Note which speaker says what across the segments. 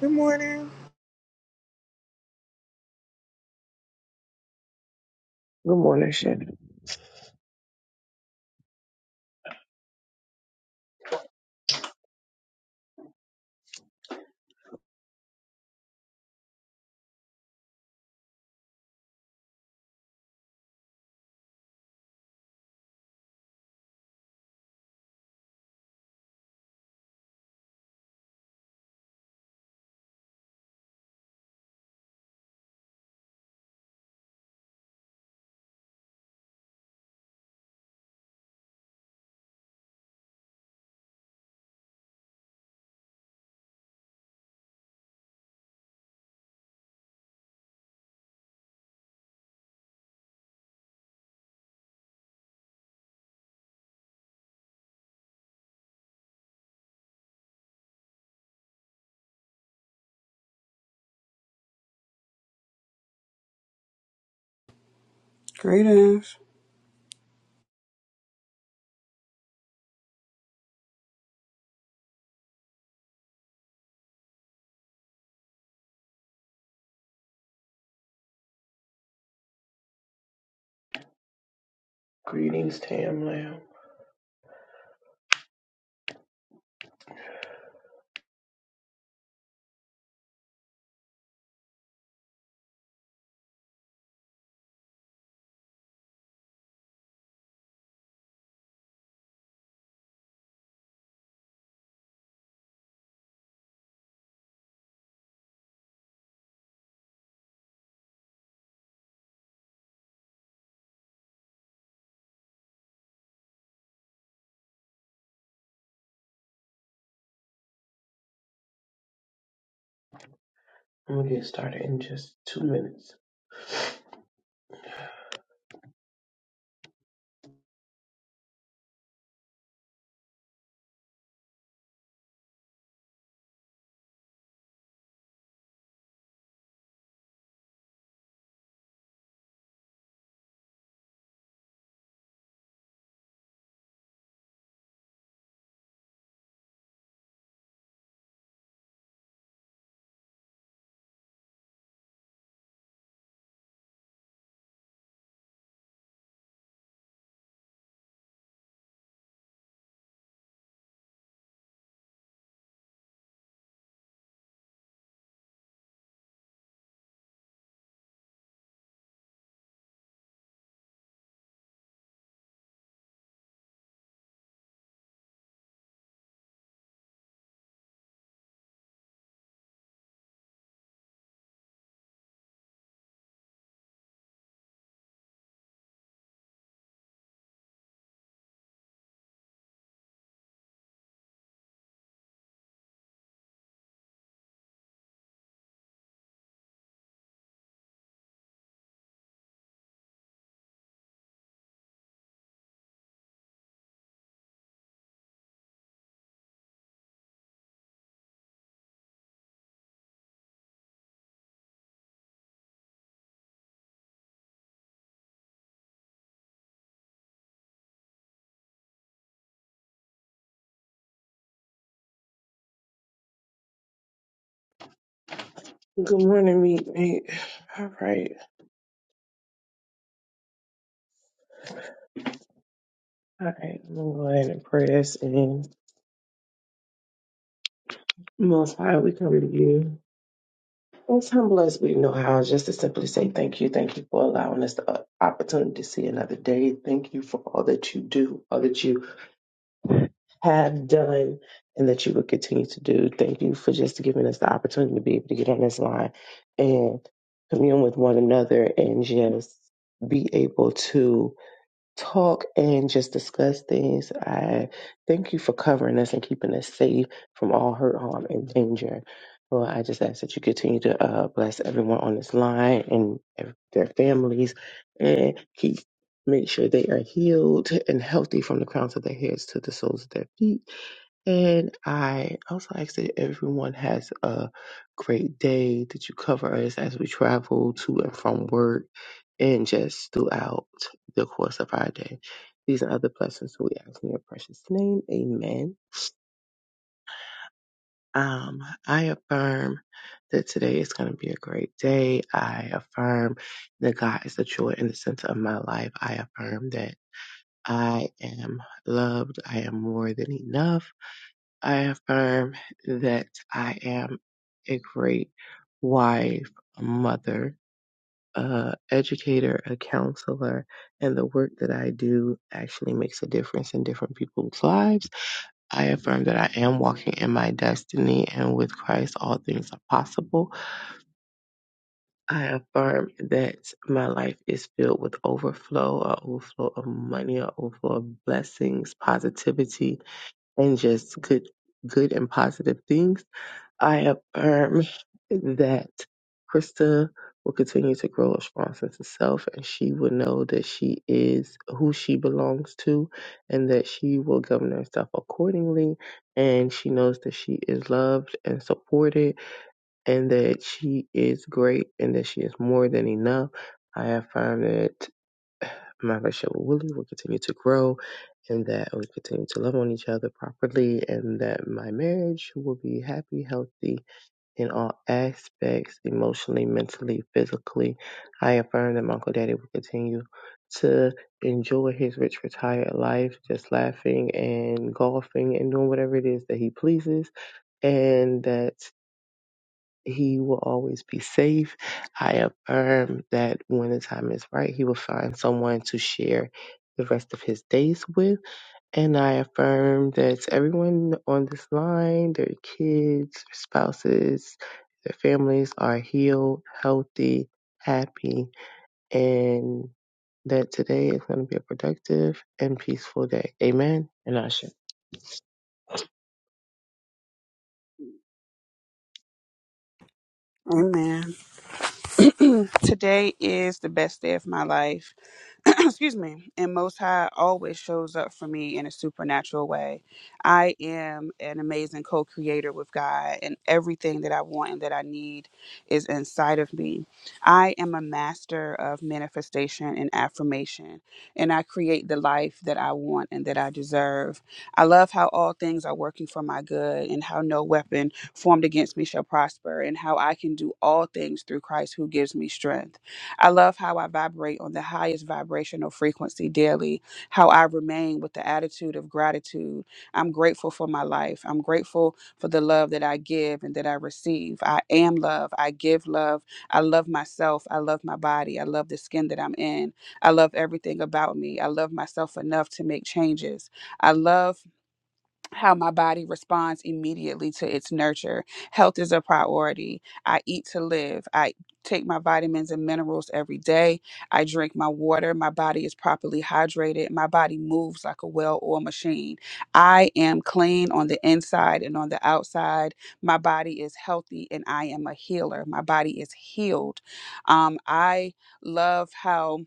Speaker 1: Good morning.
Speaker 2: Good morning, Shannon.
Speaker 3: Greetings.
Speaker 2: Greetings, Tam Lamb. I'm gonna get started in just two minutes. Good morning, meet mate. All right, all right. I'm gonna go ahead and pray us in. Most High, we come to you. Most humble as we know how, just to simply say thank you. Thank you for allowing us the uh, opportunity to see another day. Thank you for all that you do, all that you have done and that you will continue to do. Thank you for just giving us the opportunity to be able to get on this line and commune with one another and just be able to talk and just discuss things. I thank you for covering us and keeping us safe from all hurt, harm, and danger. Lord, I just ask that you continue to uh, bless everyone on this line and ev- their families and keep make sure they are healed and healthy from the crowns of their heads to the soles of their feet. And I also ask that everyone has a great day, that you cover us as we travel to and from work and just throughout the course of our day. These and other blessings we ask in your precious name. Amen. Um, I affirm that today is going to be a great day. I affirm that God is the joy and the center of my life. I affirm that I am loved. I am more than enough. I affirm that I am a great wife, a mother, a educator, a counselor, and the work that I do actually makes a difference in different people's lives. I affirm that I am walking in my destiny and with Christ all things are possible. I affirm that my life is filled with overflow, a overflow of money, a overflow of blessings, positivity, and just good good and positive things. I affirm that Krista will continue to grow a strong sense of self and she will know that she is who she belongs to and that she will govern herself accordingly. And she knows that she is loved and supported and that she is great and that she is more than enough. I affirm that my relationship with Willie will continue to grow and that we continue to love on each other properly and that my marriage will be happy, healthy, in all aspects, emotionally, mentally, physically. I affirm that my Uncle Daddy will continue to enjoy his rich retired life, just laughing and golfing and doing whatever it is that he pleases, and that he will always be safe. I affirm that when the time is right, he will find someone to share the rest of his days with and I affirm that to everyone on this line, their kids, their spouses, their families are healed, healthy, happy, and that today is going to be a productive and peaceful day. Amen. And I
Speaker 3: Amen. Today is the best day of my life. Excuse me. And Most High always shows up for me in a supernatural way. I am an amazing co creator with God, and everything that I want and that I need is inside of me. I am a master of manifestation and affirmation, and I create the life that I want and that I deserve. I love how all things are working for my good and how no weapon formed against me shall prosper, and how I can do all things through Christ who gives me strength. I love how I vibrate on the highest vibrational frequency daily, how I remain with the attitude of gratitude. I'm grateful for my life. I'm grateful for the love that I give and that I receive. I am love. I give love. I love myself. I love my body. I love the skin that I'm in. I love everything about me. I love myself enough to make changes. I love how my body responds immediately to its nurture. Health is a priority. I eat to live. I take my vitamins and minerals every day. I drink my water. My body is properly hydrated. My body moves like a well oiled machine. I am clean on the inside and on the outside. My body is healthy and I am a healer. My body is healed. Um, I love how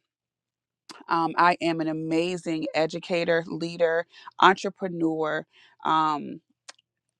Speaker 3: um, I am an amazing educator, leader, entrepreneur. Um,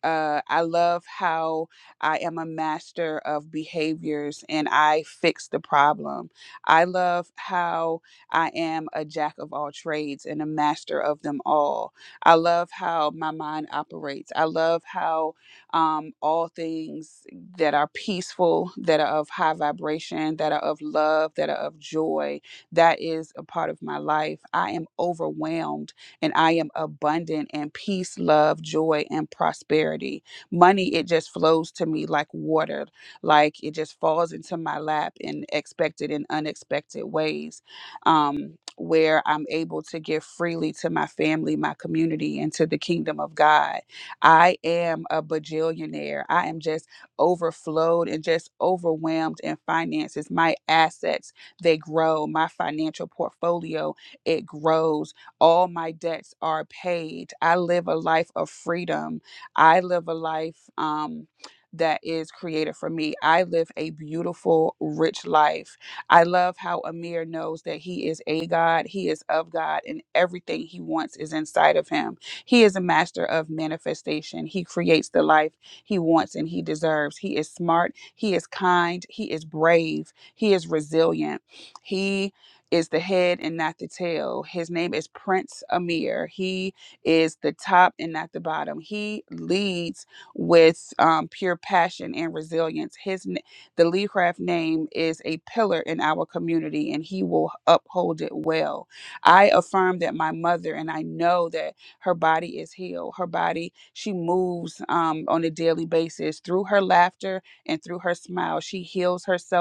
Speaker 3: uh, I love how I am a master of behaviors and I fix the problem. I love how I am a jack of all trades and a master of them all. I love how my mind operates. I love how um, all things that are peaceful, that are of high vibration, that are of love, that are of joy, that is a part of my life. I am overwhelmed and I am abundant in peace, love, joy, and prosperity. Money, it just flows to me like water, like it just falls into my lap in expected and unexpected ways, um, where I'm able to give freely to my family, my community, and to the kingdom of God. I am a bajillionaire. I am just overflowed and just overwhelmed in finances. My assets, they grow. My financial portfolio, it grows all my debts are paid. I live a life of freedom. I live a life um, that is created for me. I live a beautiful, rich life. I love how Amir knows that he is a God, he is of God, and everything he wants is inside of him. He is a master of manifestation. He creates the life he wants and he deserves. He is smart, he is kind, he is brave, he is resilient. He is the head and not the tail. His name is Prince Amir. He is the top and not the bottom. He leads with um, pure passion and resilience. His n- the Lee Craft name is a pillar in our community, and he will uphold it well. I affirm that my mother and I know that her body is healed. Her body she moves um, on a daily basis through her laughter and through her smile. She heals herself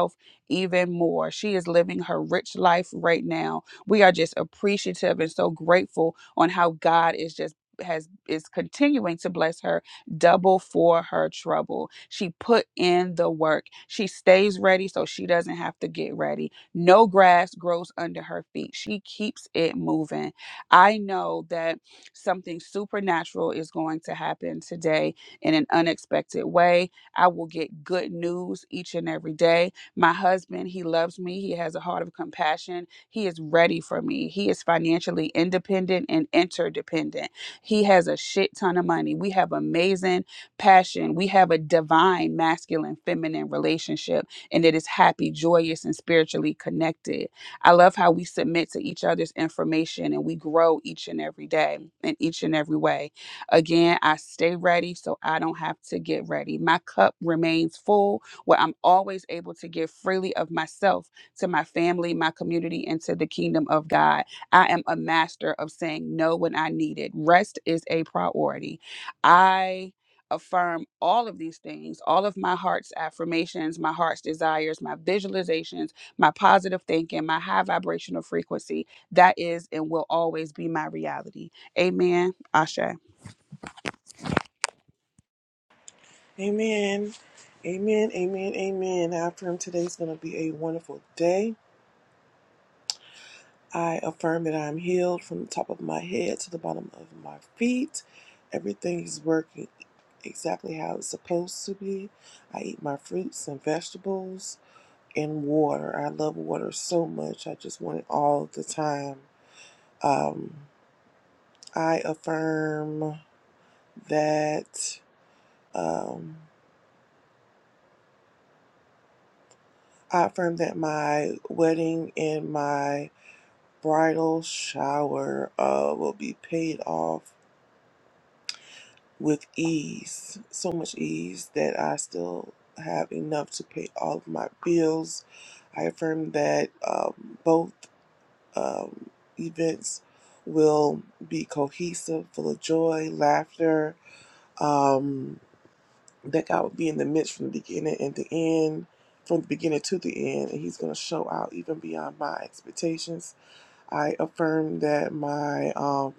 Speaker 3: even more. She is living her rich life right now. We are just appreciative and so grateful on how God is just has is continuing to bless her double for her trouble. She put in the work. She stays ready so she doesn't have to get ready. No grass grows under her feet. She keeps it moving. I know that something supernatural is going to happen today in an unexpected way. I will get good news each and every day. My husband, he loves me. He has a heart of compassion. He is ready for me. He is financially independent and interdependent. He has a shit ton of money. We have amazing passion. We have a divine masculine feminine relationship, and it is happy, joyous, and spiritually connected. I love how we submit to each other's information and we grow each and every day in each and every way. Again, I stay ready so I don't have to get ready. My cup remains full where I'm always able to give freely of myself to my family, my community, and to the kingdom of God. I am a master of saying no when I need it. Rest is a priority. I affirm all of these things, all of my heart's affirmations, my heart's desires, my visualizations, my positive thinking, my high vibrational frequency. That is and will always be my reality. Amen. Asha.
Speaker 1: Amen. Amen. Amen. Amen. I affirm today's going to be a wonderful day. I affirm that I'm healed from the top of my head to the bottom of my feet. Everything is working exactly how it's supposed to be. I eat my fruits and vegetables and water. I love water so much. I just want it all the time. Um, I affirm that. Um, I affirm that my wedding and my bridal shower uh, will be paid off with ease, so much ease that I still have enough to pay all of my bills. I affirm that um, both um, events will be cohesive, full of joy, laughter, um, that God will be in the midst from the beginning and the end, from the beginning to the end, and He's going to show out even beyond my expectations. I affirm that my um,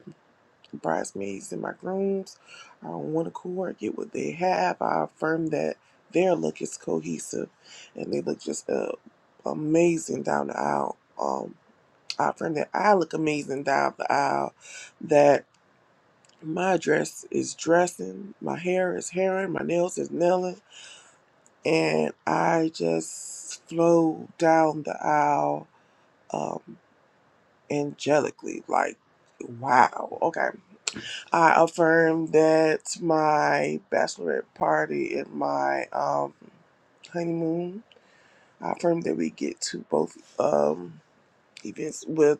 Speaker 1: bridesmaids and my grooms are on one accord, get what they have. I affirm that their look is cohesive and they look just uh, amazing down the aisle. Um, I affirm that I look amazing down the aisle, that my dress is dressing, my hair is hairing, my nails is nailing, and I just flow down the aisle um, angelically, like wow, Okay. I affirm that my bachelorette party and my um, honeymoon, I affirm that we get to both um, events with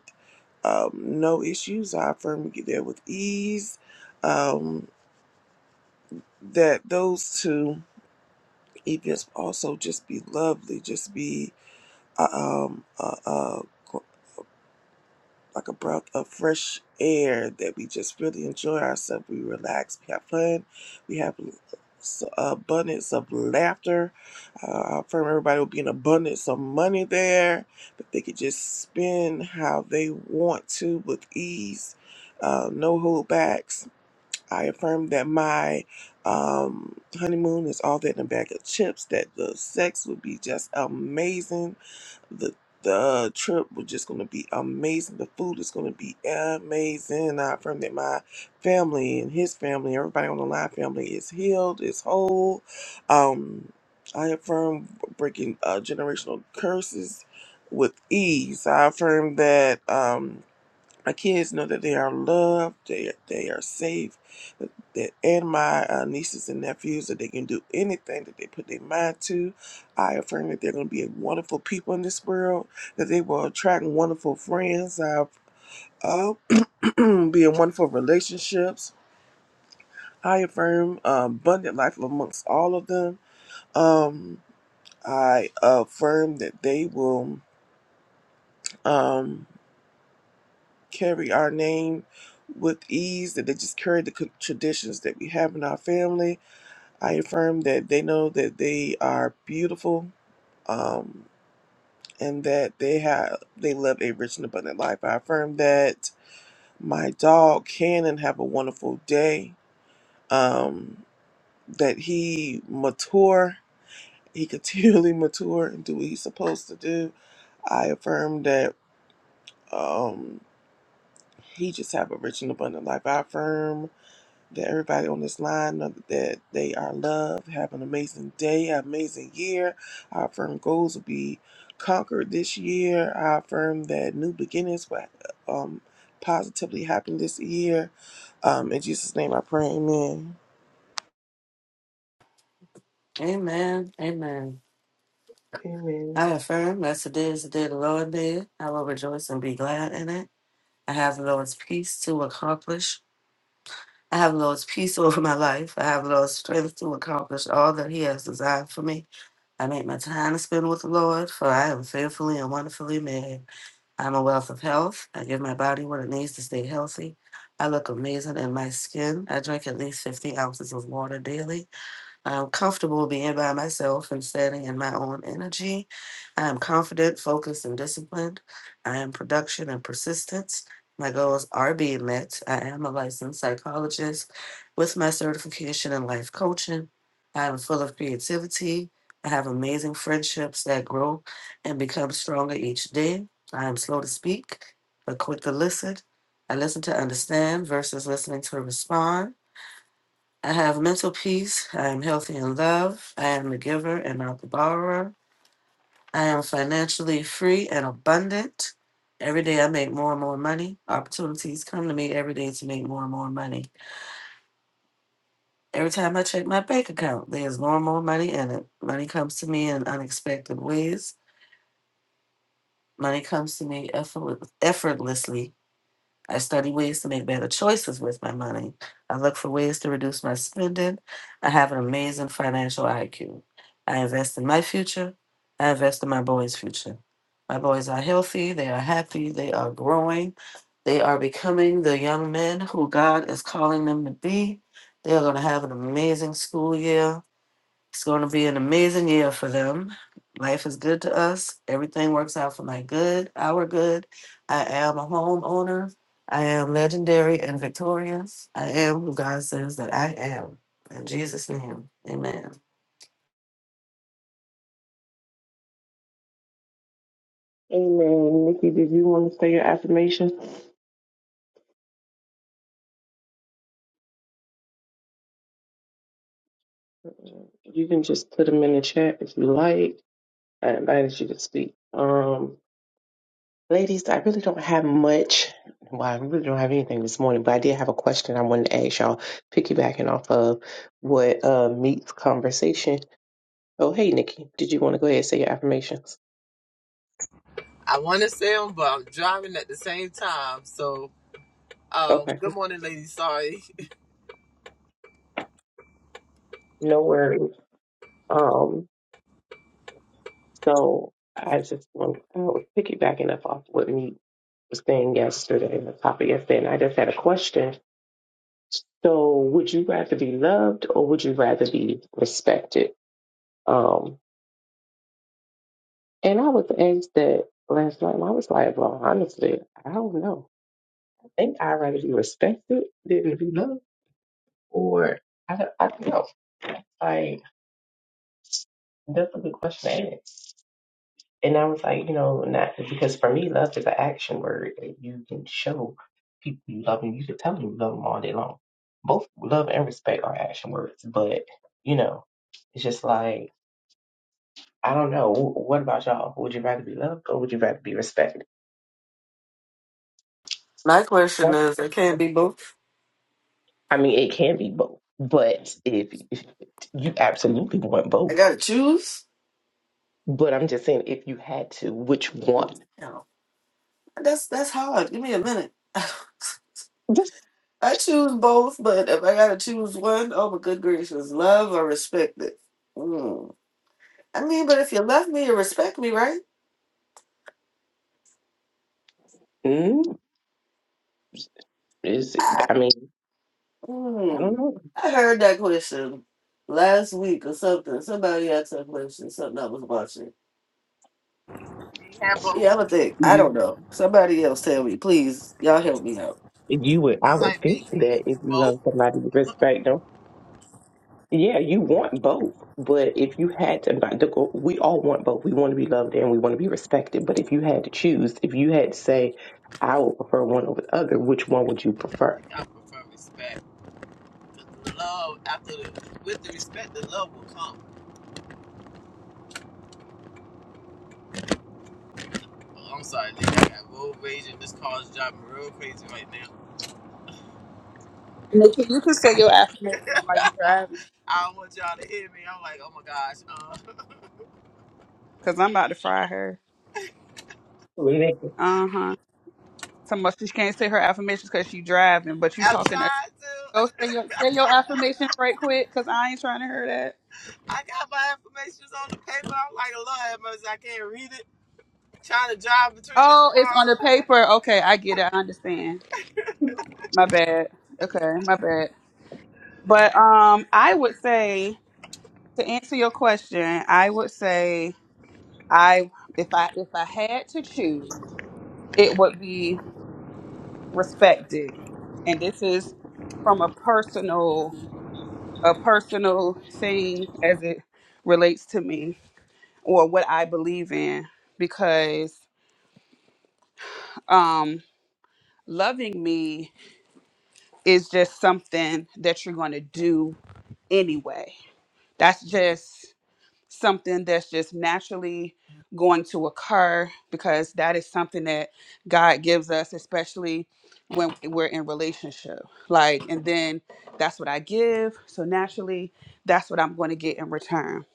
Speaker 1: um, no issues. I affirm we get there with ease. Um, that those two events also just be lovely, just be uh, um, uh, uh, like a breath of fresh air that we just really enjoy ourselves. We relax, we have fun, we have abundance of laughter. Uh, I firm everybody will be an abundance of money there that they could just spend how they want to with ease. Uh, no holdbacks. I affirm that my um, honeymoon is all that in a bag of chips, that the sex would be just amazing the the trip was just gonna be amazing. The food is gonna be amazing. I affirm that my family and his family, everybody on the line family is healed, is whole. Um I affirm breaking uh, generational curses with ease. I affirm that um my kids know that they are loved, they they are safe, that, that and my uh, nieces and nephews that they can do anything that they put their mind to. I affirm that they're going to be a wonderful people in this world, that they will attract wonderful friends. I uh, be in wonderful relationships. I affirm um, abundant life amongst all of them. Um, I affirm that they will. Um, carry our name with ease, that they just carry the co- traditions that we have in our family. I affirm that they know that they are beautiful um, and that they have they live a rich and abundant life. I affirm that my dog Cannon have a wonderful day. Um, that he mature, he continually mature and do what he's supposed to do. I affirm that um, he just have a rich and abundant life. I affirm that everybody on this line know that they are loved. Have an amazing day, an amazing year. Our firm goals will be conquered this year. I affirm that new beginnings will um, positively happen this year. Um, in Jesus' name I pray, amen.
Speaker 4: Amen. Amen.
Speaker 2: Amen.
Speaker 4: I affirm that's the day is the day the Lord made. I will rejoice and be glad in it. I have the Lord's peace to accomplish. I have the Lord's peace over my life. I have the Lord's strength to accomplish all that He has designed for me. I make my time to spend with the Lord, for I am fearfully and wonderfully made. I am a wealth of health. I give my body what it needs to stay healthy. I look amazing in my skin. I drink at least 15 ounces of water daily. I'm comfortable being by myself and standing in my own energy. I am confident, focused, and disciplined. I am production and persistence. My goals are being met. I am a licensed psychologist with my certification in life coaching. I am full of creativity. I have amazing friendships that grow and become stronger each day. I am slow to speak, but quick to listen. I listen to understand versus listening to respond. I have mental peace. I am healthy in love. I am the giver and not the borrower. I am financially free and abundant. Every day I make more and more money. Opportunities come to me every day to make more and more money. Every time I check my bank account, there's more and more money in it. Money comes to me in unexpected ways. Money comes to me effortless- effortlessly. I study ways to make better choices with my money. I look for ways to reduce my spending. I have an amazing financial IQ. I invest in my future. I invest in my boys' future. My boys are healthy. They are happy. They are growing. They are becoming the young men who God is calling them to be. They are going to have an amazing school year. It's going to be an amazing year for them. Life is good to us. Everything works out for my good, our good. I am a homeowner. I am legendary and victorious. I am who God says that I am. In Jesus' name, amen.
Speaker 2: Amen. Nikki, did you want to say your affirmations? You can just put them in the chat if you like. I invited you to speak. Um, Ladies, I really don't have much. Well, I really don't have anything this morning, but I did have a question I wanted to ask y'all, piggybacking off of what uh, meets conversation. Oh, hey, Nikki, did you want to go ahead and say your affirmations?
Speaker 5: I want to say them, but I'm driving at the same time. So, um,
Speaker 2: Okay,
Speaker 5: good morning, ladies. Sorry,
Speaker 2: no worries. Um, so I just want I was piggybacking up off what meet was saying yesterday, the topic yesterday, and I just had a question. So, would you rather be loved or would you rather be respected? Um. And I was asked that last night, and I was like, well, honestly, I don't know. I think I'd rather be respected than be loved, or I don't, I don't know. Like, that's a good question to ask. And I was like, you know, not because for me, love is an action word that you can show people you love and you can tell them you love them all day long. Both love and respect are action words, but you know, it's just like, I don't know. Wh- What about y'all? Would you rather be loved or would you rather be respected?
Speaker 4: My question is, it can't be both.
Speaker 2: I mean, it can be both, but if, if you absolutely want
Speaker 4: I
Speaker 2: both,
Speaker 4: gotta choose.
Speaker 2: but I'm just saying, if you had to, which one?
Speaker 4: You know, that's that's hard. Give me a minute.
Speaker 2: Just
Speaker 4: I choose both, but if I gotta choose one, oh my good gracious, love or respect it. Mm. I mean, but if you love me, you respect me, right?
Speaker 2: mm, is I mean, I don't
Speaker 4: Mm.
Speaker 2: know.
Speaker 4: I heard that question last week or something. Somebody asked that question, something I was watching.
Speaker 5: can you have both?
Speaker 4: Yeah, I'm gonna think. I
Speaker 2: You,
Speaker 4: don't know. Somebody else tell me, please. Y'all help me out.
Speaker 2: you would, I
Speaker 5: I'm
Speaker 2: would
Speaker 5: like me.
Speaker 2: think
Speaker 5: Can you
Speaker 2: that
Speaker 5: do
Speaker 2: if you love
Speaker 5: both?
Speaker 2: somebody, you respect them. Yeah, you want both, but if you had to, but the goal- we all want both. We want to be loved and we want to be respected. But if you had to choose, if you had to say, I would prefer one over the other, which one would you prefer?
Speaker 5: I prefer respect. 'Cause The love after the with the respect, the love will come. Oh, I'm sorry, Nick. I got road rage and this car is driving real crazy right now.
Speaker 3: Nikki, you can say your affirmations while you're driving
Speaker 5: I don't want y'all to hear me. I'm like, oh my gosh. Uh,
Speaker 3: because I'm about to fry her.
Speaker 2: Nick,
Speaker 3: Uh huh. Talking about she can't say her affirmations because she driving, but you
Speaker 5: I'm
Speaker 3: talking. To,
Speaker 5: trying to.
Speaker 3: go say your say your affirmations right quick because I ain't trying to hear that.
Speaker 5: I got my information on the paper. I'm like, Lord have mercy, I can't read it. Trying to drive between this
Speaker 3: Oh, it's on the
Speaker 5: car.
Speaker 3: paper. Okay, I get it. I understand. My bad. Okay, my bad. But um, I would say to answer your question, I would say I if I if I had to choose, it would be respected, and this is from a personal a personal thing as it relates to me or what I believe in because um loving me is just something that you're going to do anyway. That's just something that's just naturally going to occur because that is something that God gives us especially when we're in relationship. Like and then that's what I give, so naturally that's what I'm going to get in return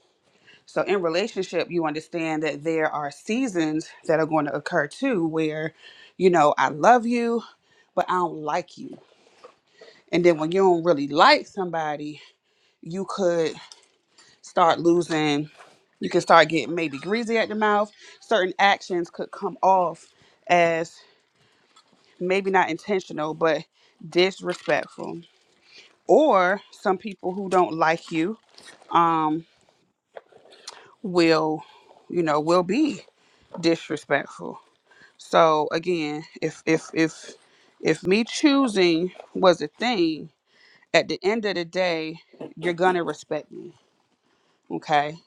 Speaker 3: So in relationship, you understand that there are seasons that are going to occur too where, you know, I love you, but I don't like you. And then when you don't really like somebody, you could start losing, you can start getting maybe greasy at the mouth. Certain actions could come off as maybe not intentional, but disrespectful. Or some people who don't like you um, will, you know, will be disrespectful So again, if if if if me choosing was a thing, at the end of the day, you're gonna respect me, okay?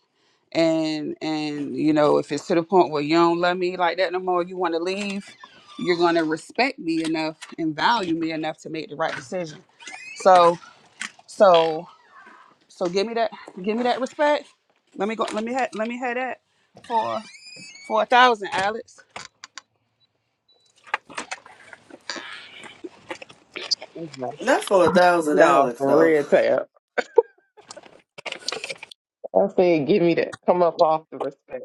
Speaker 3: And and you know, if it's to the point where you don't love me like that no more, you want to leave, you're gonna respect me enough and value me enough to make the right decision. So so so give me that give me that respect. Let me go. Let me ha- let me have that for for a thousand, Alex.
Speaker 4: Not for a thousand
Speaker 2: No,
Speaker 4: Alex
Speaker 2: for
Speaker 4: though.
Speaker 2: real, Tam. I said, give me that. Come up off the respect.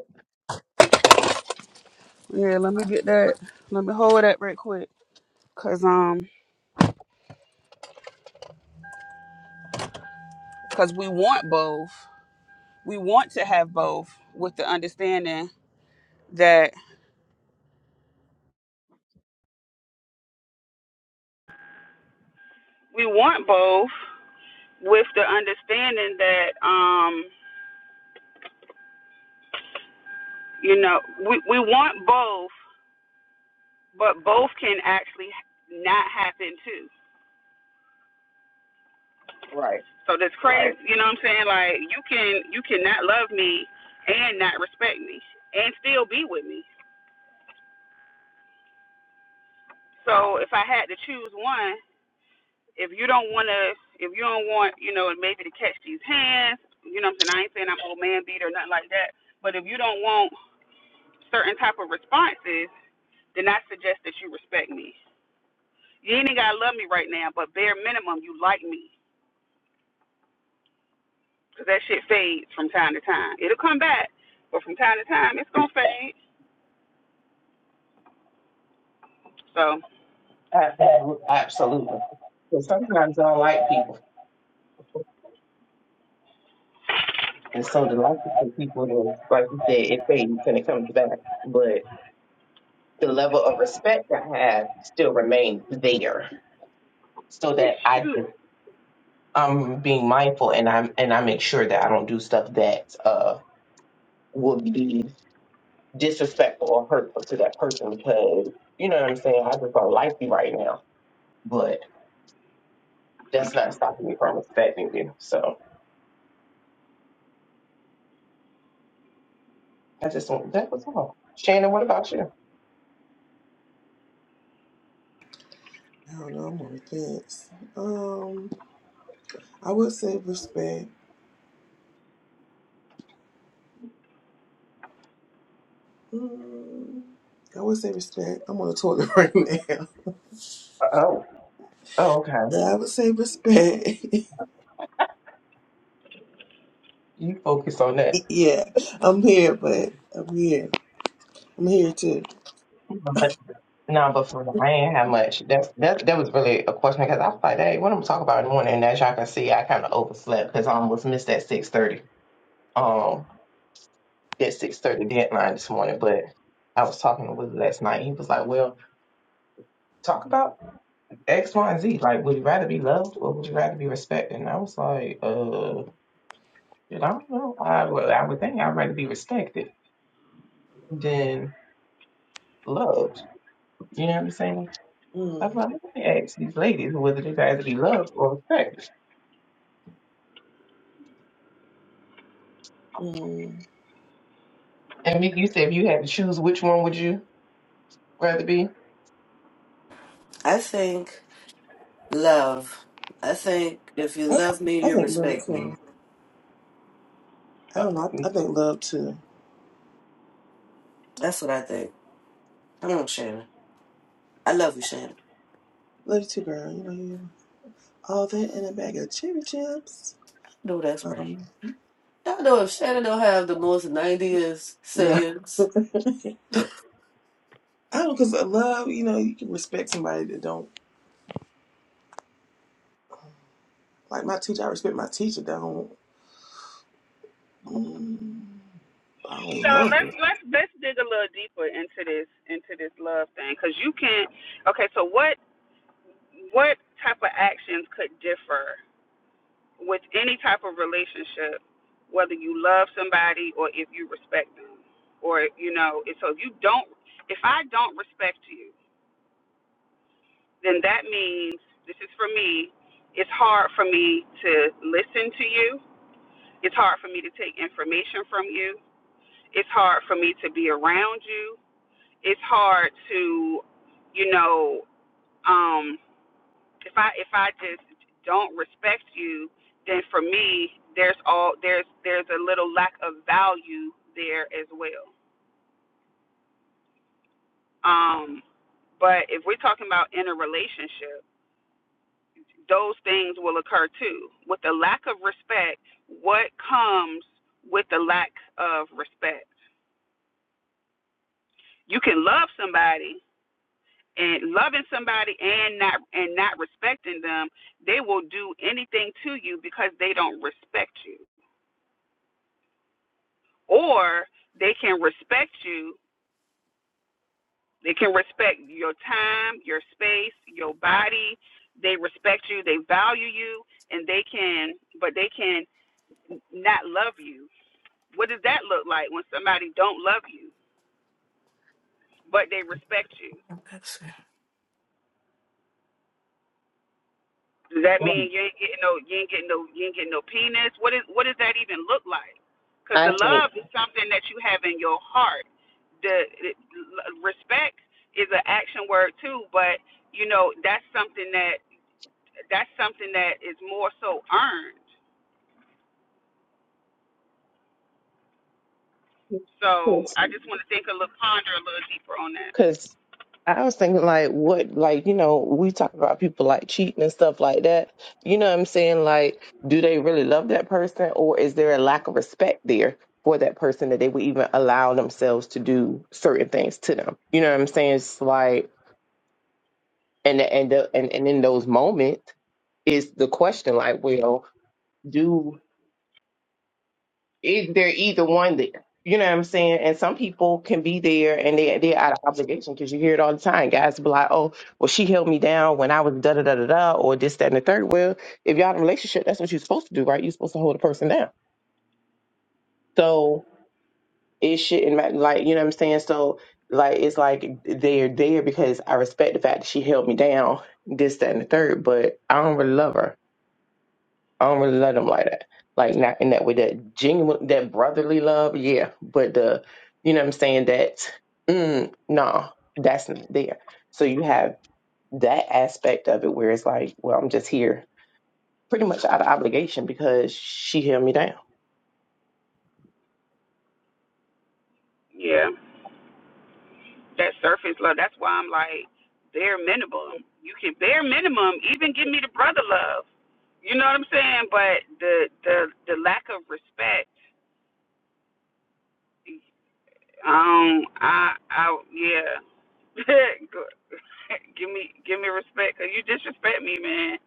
Speaker 3: Yeah, let me get that. Let me hold that right quick. Cause um, cause we want both. We want to have both with the understanding that we want both with the understanding that um, you know, we we want both, but both can actually not happen too.
Speaker 2: Right.
Speaker 3: So that's crazy. Right. You know what I'm saying? Like you can you cannot love me and not respect me and still be with me. So if I had to choose one, if you don't want to, if you don't want, you know, maybe to catch these hands, you know what I'm saying? I ain't saying I'm old man beat or nothing like that, but if you don't want certain type of responses, then I suggest that you respect me. You ain't gotta love me right now, but bare minimum, you like me, 'cause that shit fades from time to time. It'll come back, but from time to time, it's gonna fade. So
Speaker 2: Absolutely. Absolutely. Because sometimes I don't like people. And so the like for people is, like you said, it fades and it comes back. But the level of respect I have still remains there. So
Speaker 3: it
Speaker 2: that I just,
Speaker 3: should.
Speaker 2: I'm being mindful and I'm and I make sure that I don't do stuff that uh will be disrespectful or hurtful to that person because you know what I'm saying, I just don't like you right now. but. that's not stopping me from respecting you. So I just want that was all. Shannon, what about you?
Speaker 1: I don't know, I'm on the fence. Um, I would say respect. Mm, I would say respect. I'm on the toilet right now.
Speaker 2: Oh, oh, okay.
Speaker 1: Yeah, I would say respect.
Speaker 2: You focus on that.
Speaker 1: yeah, I'm here, but I'm here. I'm here too.
Speaker 2: But no, but for I ain't have much. That's that. That was really a question because I was like, hey, what I'm talking about in the morning. And as y'all can see, I kind of overslept because I almost missed that six thirty. Um, that six thirty deadline this morning. But I was talking to Willie last night. He was like, well, talk about X, Y, and Z. Like, would you rather be loved or would you rather be respected? And I was like, uh. Shit, I don't know. I would, I would think I'd rather be respected than loved. You know what I'm saying? I'm
Speaker 1: Mm,
Speaker 2: like, let me ask these ladies whether they'd rather be loved or respected.
Speaker 1: mm.
Speaker 2: And Mickey, you said if you had to choose, which one would you rather be?
Speaker 4: I think love. I think if you
Speaker 1: I,
Speaker 4: love me,
Speaker 1: I
Speaker 4: you
Speaker 1: think love
Speaker 4: respect me.
Speaker 1: too. I
Speaker 2: Uh,
Speaker 1: don't know.
Speaker 2: mm,
Speaker 1: I, I think love too.
Speaker 4: That's what I think. Come on, Shannon. I love you, Shannon.
Speaker 1: Love you too, girl. You know you. All that in a bag of cherry chips.
Speaker 4: No, that's right.
Speaker 1: Um,
Speaker 4: Y'all know if Shannon don't have the most 90s
Speaker 1: no. I
Speaker 4: sayings. That's
Speaker 1: don't, cause of love. You know, you can respect somebody that don't like my teacher. I respect my teacher that don't. Mm. I don't
Speaker 3: So
Speaker 1: love
Speaker 3: let's
Speaker 1: it.
Speaker 3: let's let's dig a little deeper into this into this love thing, 'cause you can. Okay, so what what type of actions could differ with any type of relationship, whether you love somebody or if you respect them, or you know, and so if you don't, if I don't respect you, then that means this is for me. It's hard for me to listen to you. It's hard for me to take information from you. It's hard for me to be around you. It's hard to, you know, um, if I if I just don't respect you, then for me there's all there's there's a little lack of value there as well. Um, but if we're talking about in a relationship, those things will occur too. With the lack of respect, what comes with the lack of respect? You can love somebody and loving somebody and not and not respecting them, they will do anything to you because they don't respect you or they can respect you. They can respect your time, your space, your body. They respect you, they value you, and they can, but they can not love you. What does that look like when somebody don't love you, but they respect you?
Speaker 4: it.
Speaker 3: Does that mean you ain't getting no, you ain't getting no, you ain't getting no penis? What is, what does that even look like? Because the
Speaker 2: I
Speaker 3: love
Speaker 2: think.
Speaker 3: is something that you have in your heart. The, the respect is an action word too, but you know that's something that that's something that is more so earned. So I just want to think a little, ponder a little deeper on that.
Speaker 2: Because I was thinking, like, what, like, you know, we talk about people like cheating and stuff like that. You know what I'm saying? Like, do they really love that person, or is there a lack of respect there for that person that they would even allow themselves to do certain things to them? You know what I'm saying? It's like, and and the, and and in those moments, is the question like, well, do it, they're either one there. You know what I'm saying? And some people can be there and they they're out of obligation because you hear it all the time. Guys be like, "Oh, well, she held me down when I was da da da da da," or this that and the third. Well, if y'all in a relationship, that's what you're supposed to do, right? You're supposed to hold a person down. So it shouldn't matter. Like you know what I'm saying? So like it's like they're there because I respect the fact that she held me down, this that and the third. But I don't really love her I don't really love them like that. Like not in that way, that genuine, that brotherly love, yeah. But the, you know what I'm saying, that, mm, no, that's not there. So you have that aspect of it where it's like, well, I'm just here pretty much out of obligation because she held me down.
Speaker 3: Yeah. that surface love. That's why I'm like bare minimum. You can bare minimum even give me the brother love. You know what I'm saying? But the the the lack of respect. Um, I I yeah. give me give me respect because you disrespect me, man.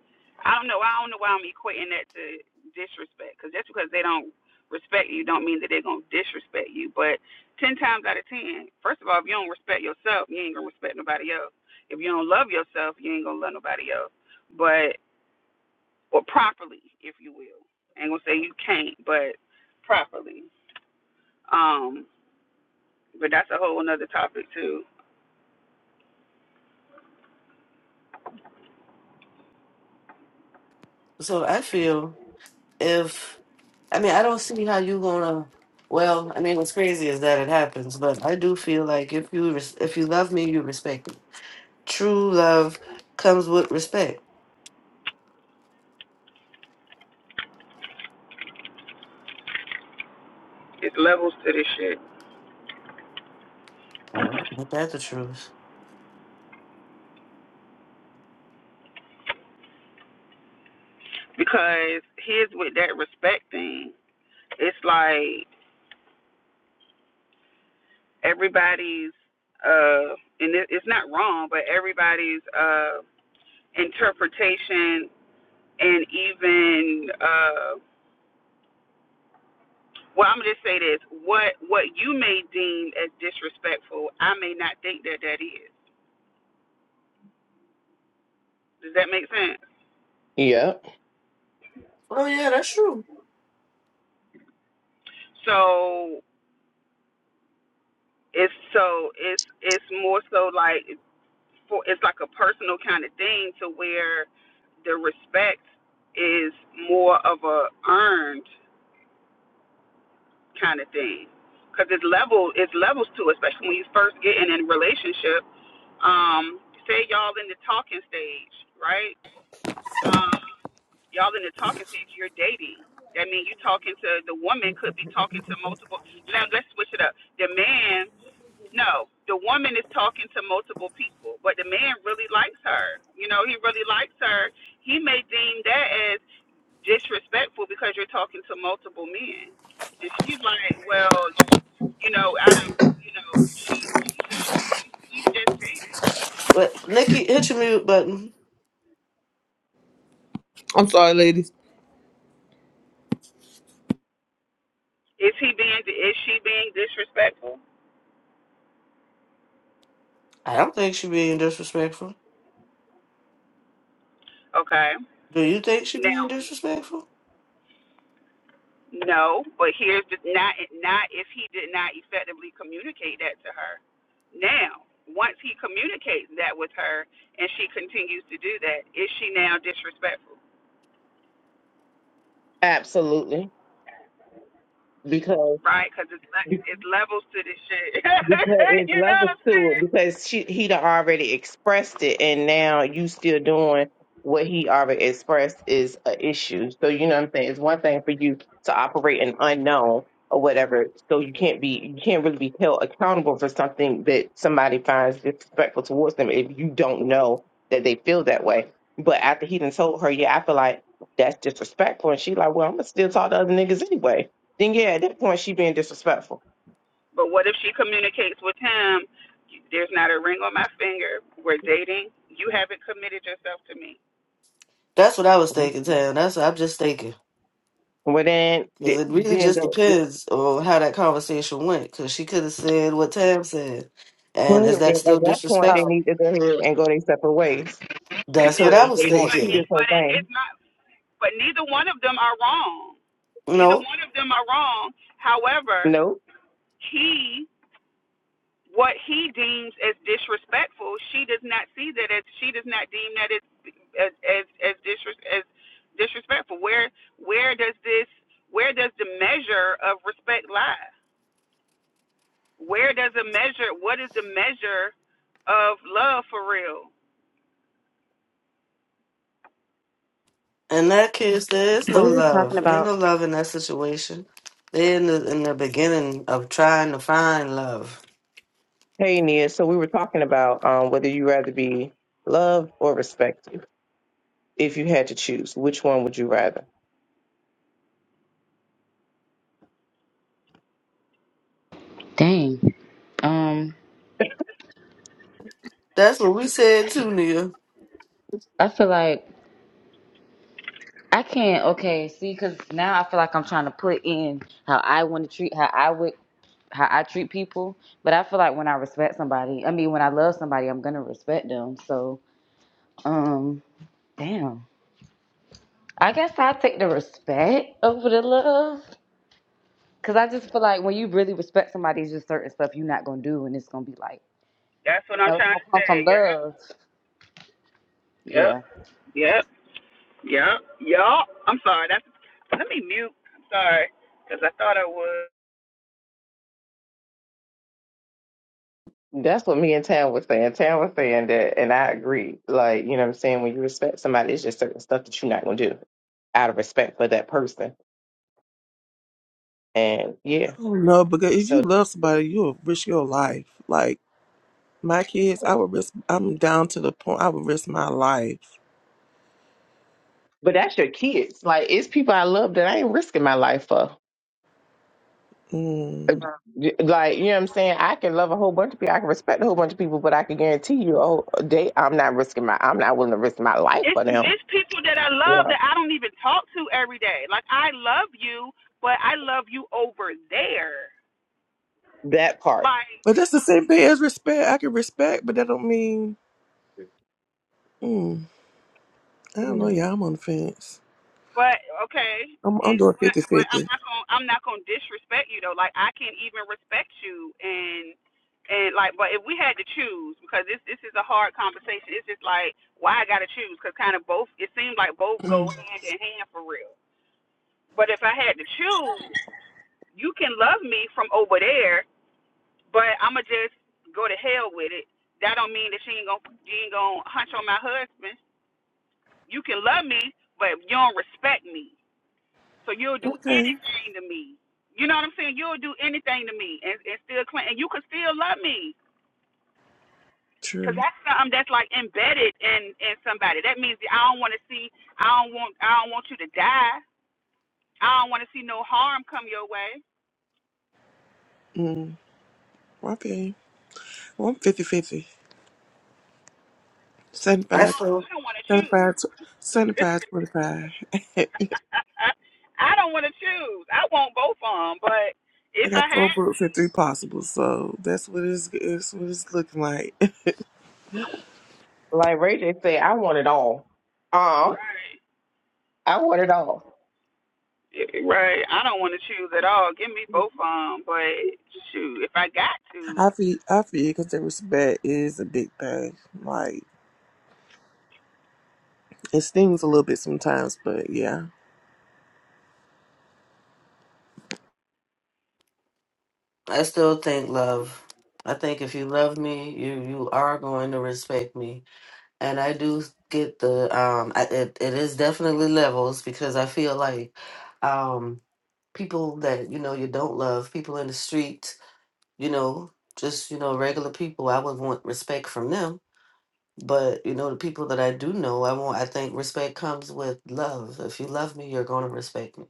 Speaker 3: I don't know. I don't know why I'm equating that to disrespect because just because they don't respect you don't mean that they're gonna disrespect you. But ten times out of ten, first of all, if you don't respect yourself, you ain't gonna respect nobody else. If you don't love yourself, you ain't gonna love nobody else. But or properly, if you will. I ain't gonna say you can't, but properly. Um, but that's a whole another topic too.
Speaker 4: So I feel if I mean, I don't see how you gonna. Well, I mean, what's crazy is that it happens, but I do feel like if you res- if you love me, you respect me. True love comes with respect.
Speaker 3: It's levels to this shit
Speaker 4: All right, ain't that the truth?
Speaker 3: because here's with that respect thing. it's like everybody's uh and it, it's not wrong but everybody's uh interpretation and even uh well i'm gonna just say this what what you may deem as disrespectful i may not think that that is does that make sense
Speaker 2: Yeah,
Speaker 4: Oh yeah, that's true.
Speaker 3: so it's so it's it's more so like for it's like a personal kind of thing to where the respect is more of a earned kind of thing. Because it's level, it's levels to, especially when you first get in a relationship. Um, say y'all in the talking stage, right? Um, y'all in the talking stage, you're dating. That means you talking to the woman could be talking to multiple. Now let's switch it up. The man, no, the woman is talking to multiple people, but the man really likes her. You know, he really likes her. He may deem that as disrespectful because you're talking to multiple men. And she's like, well, you, you know, out of you know, she she just she she's just dating.
Speaker 4: But Nikki, hit your mute button.
Speaker 5: I'm sorry, ladies.
Speaker 3: Is he being is she being disrespectful?
Speaker 4: I don't think she being disrespectful.
Speaker 3: Okay.
Speaker 4: Do you think she being
Speaker 3: Now,
Speaker 4: disrespectful?
Speaker 3: no, but here's the not not if he did not effectively communicate that to her. Now, once he communicates that with her and she continues to do that, is she now disrespectful?
Speaker 2: absolutely. Because
Speaker 3: Right? Because it's le- it's levels to this shit.
Speaker 2: Because it's
Speaker 3: you know
Speaker 2: levels
Speaker 3: what I'm
Speaker 2: to
Speaker 3: saying?
Speaker 2: it because she he'd already expressed it and now you still doing what he already expressed is a issue. So you know what I'm saying? It's one thing for you to operate an unknown or whatever. So you can't be you can't really be held accountable for something that somebody finds disrespectful towards them if you don't know that they feel that way. But after he done told her, yeah, I feel like that's disrespectful and she like, Well, I'm gonna still talk to other niggas anyway. Then yeah, at that point she being disrespectful.
Speaker 3: But what if she communicates with him? There's not a ring on my finger. We're dating. You haven't committed yourself to me.
Speaker 4: That's what I was thinking, Tam. That's what I'm just thinking.
Speaker 2: Well, then,
Speaker 4: Because
Speaker 2: th-
Speaker 4: it really
Speaker 2: then,
Speaker 4: just
Speaker 2: the,
Speaker 4: depends on how that conversation went. Because she could have said what Tam said. And
Speaker 6: Wait,
Speaker 4: is
Speaker 2: then
Speaker 4: that
Speaker 2: at
Speaker 4: still
Speaker 2: that point, they
Speaker 6: wow.
Speaker 4: disrespectful?
Speaker 2: need to go ahead and go their separate ways
Speaker 4: That's
Speaker 3: Now,
Speaker 4: what I
Speaker 2: because
Speaker 3: in
Speaker 2: they
Speaker 4: was
Speaker 3: his,
Speaker 2: want
Speaker 3: but,
Speaker 2: two
Speaker 4: thinking.
Speaker 2: different
Speaker 3: but in
Speaker 2: things.
Speaker 3: his not. but neither one of them are wrong. Neither
Speaker 4: No,
Speaker 3: one of them are wrong. However,
Speaker 2: Nope.
Speaker 3: he, what he deems as disrespectful, she does not see that as she does not deem that as as as, as, disres, as disrespectful. Where where does this where does the measure of respect lie? Where does it measure? What is the measure of love for real?
Speaker 4: in that case, there is
Speaker 6: What
Speaker 4: no
Speaker 6: are we talking
Speaker 4: love. There's
Speaker 6: about?
Speaker 4: no love in that situation. They're in the in the beginning of trying to find love.
Speaker 2: Hey, Nia. So we were talking about um, whether you rather be loved or respected. If you had to choose, which one would you rather?
Speaker 6: Dang. Um,
Speaker 4: That's what we said too, Nia.
Speaker 6: I feel like I can't. Okay, see, because now I feel like I'm trying to put in how I want to treat, how I would, how I treat people. But I feel like when I respect somebody, I mean, when I love somebody, I'm gonna respect them. So, um, damn. I guess I take the respect over the love, cause I just feel like when you really respect somebody, it's just certain stuff you're not gonna do, and it's gonna be like,
Speaker 3: That's
Speaker 6: you
Speaker 3: what I'm
Speaker 6: know, it's
Speaker 3: trying
Speaker 6: gonna
Speaker 3: to
Speaker 6: come from
Speaker 3: say. Yep.
Speaker 6: love.
Speaker 3: Yep.
Speaker 6: Yeah.
Speaker 3: Yep. Yep. Yep. I'm sorry. That's let me mute. I'm sorry because I thought I was.
Speaker 2: That's what me and Tam was saying. Tam was saying that, and I agree. Like, you know what I'm saying? When you respect somebody, it's just certain stuff that you're not going to do out of respect for that person. And yeah,
Speaker 1: I don't know because if you
Speaker 2: so,
Speaker 1: love somebody, you'll risk your life. Like my kids,
Speaker 2: yeah.
Speaker 1: I would risk. I'm down to the point. I would risk my life.
Speaker 2: but that's your kids. Like, it's people I love that I ain't risking my life for.
Speaker 1: Mm.
Speaker 2: like you know what I'm saying I can love a whole bunch of people I can respect a whole bunch of people but I can guarantee you oh they I'm not risking my I'm not willing to risk my life
Speaker 3: It's
Speaker 2: for them
Speaker 3: it's people that I love
Speaker 2: Right.
Speaker 3: that I don't even talk to every day. Like I love you, but I love you over there.
Speaker 2: that part
Speaker 3: Like
Speaker 1: But that's the same thing as respect. I can respect, but that don't mean. Mm, I don't know.
Speaker 2: Mhm.
Speaker 1: Yeah, I'm on the fence.
Speaker 3: But okay,
Speaker 1: I'm, I'm
Speaker 3: it's
Speaker 1: doing
Speaker 3: but,
Speaker 1: 50
Speaker 3: but
Speaker 1: fifty.
Speaker 3: I'm not gonna I'm not gonna disrespect you though. Like I can even respect you and and like but if we had to choose because this this is a hard conversation. It's just like why I gotta choose because kind of both it seems like both
Speaker 1: Mm.
Speaker 3: go hand in hand for real. But if I had to choose, you can love me from over there, but I'ma just go to hell with it. That don't mean that she ain't gonna she ain't gonna hunch on my husband. You can love me, but you don't respect me. So you'll do
Speaker 1: Okay.
Speaker 3: anything to me. You know what I'm saying? You'll do anything to me and, and still claim, and you could still love me. Cause
Speaker 1: True.
Speaker 3: that's something that's like embedded in in somebody. That means that I don't want to see, I don't want, I don't want you to die. I don't want to see no harm come your way.
Speaker 1: Mm. Okay. Well, I'm 50 50.
Speaker 3: I
Speaker 4: I
Speaker 1: 75,
Speaker 3: don't,
Speaker 4: still
Speaker 3: I don't want to choose.
Speaker 1: 75, tw- seventy-five, twenty-five.
Speaker 3: I don't want to choose. I want both of them, but
Speaker 1: I
Speaker 3: if
Speaker 1: got
Speaker 3: I
Speaker 1: four
Speaker 3: had, to,
Speaker 1: books and three possibles, so that's what it's, it's what it's looking like.
Speaker 2: like Ray J said I want it all um
Speaker 3: right,
Speaker 2: I want it all
Speaker 3: Yeah, right, I don't want to choose at all. Give me both of them, but shoot, if I got to,
Speaker 1: I feel I feel because the respect is a big thing. Like it stings a little bit sometimes, but yeah,
Speaker 4: I still think love. I think if you love me, you you are going to respect me, and I do get the um. I, it it is definitely levels because I feel like, um, people that you know you don't love, people in the street, you know, just you know regular people, I would want respect from them. But you know the people that I do know, I want. I think respect comes with love. If you love me, you're going to respect me.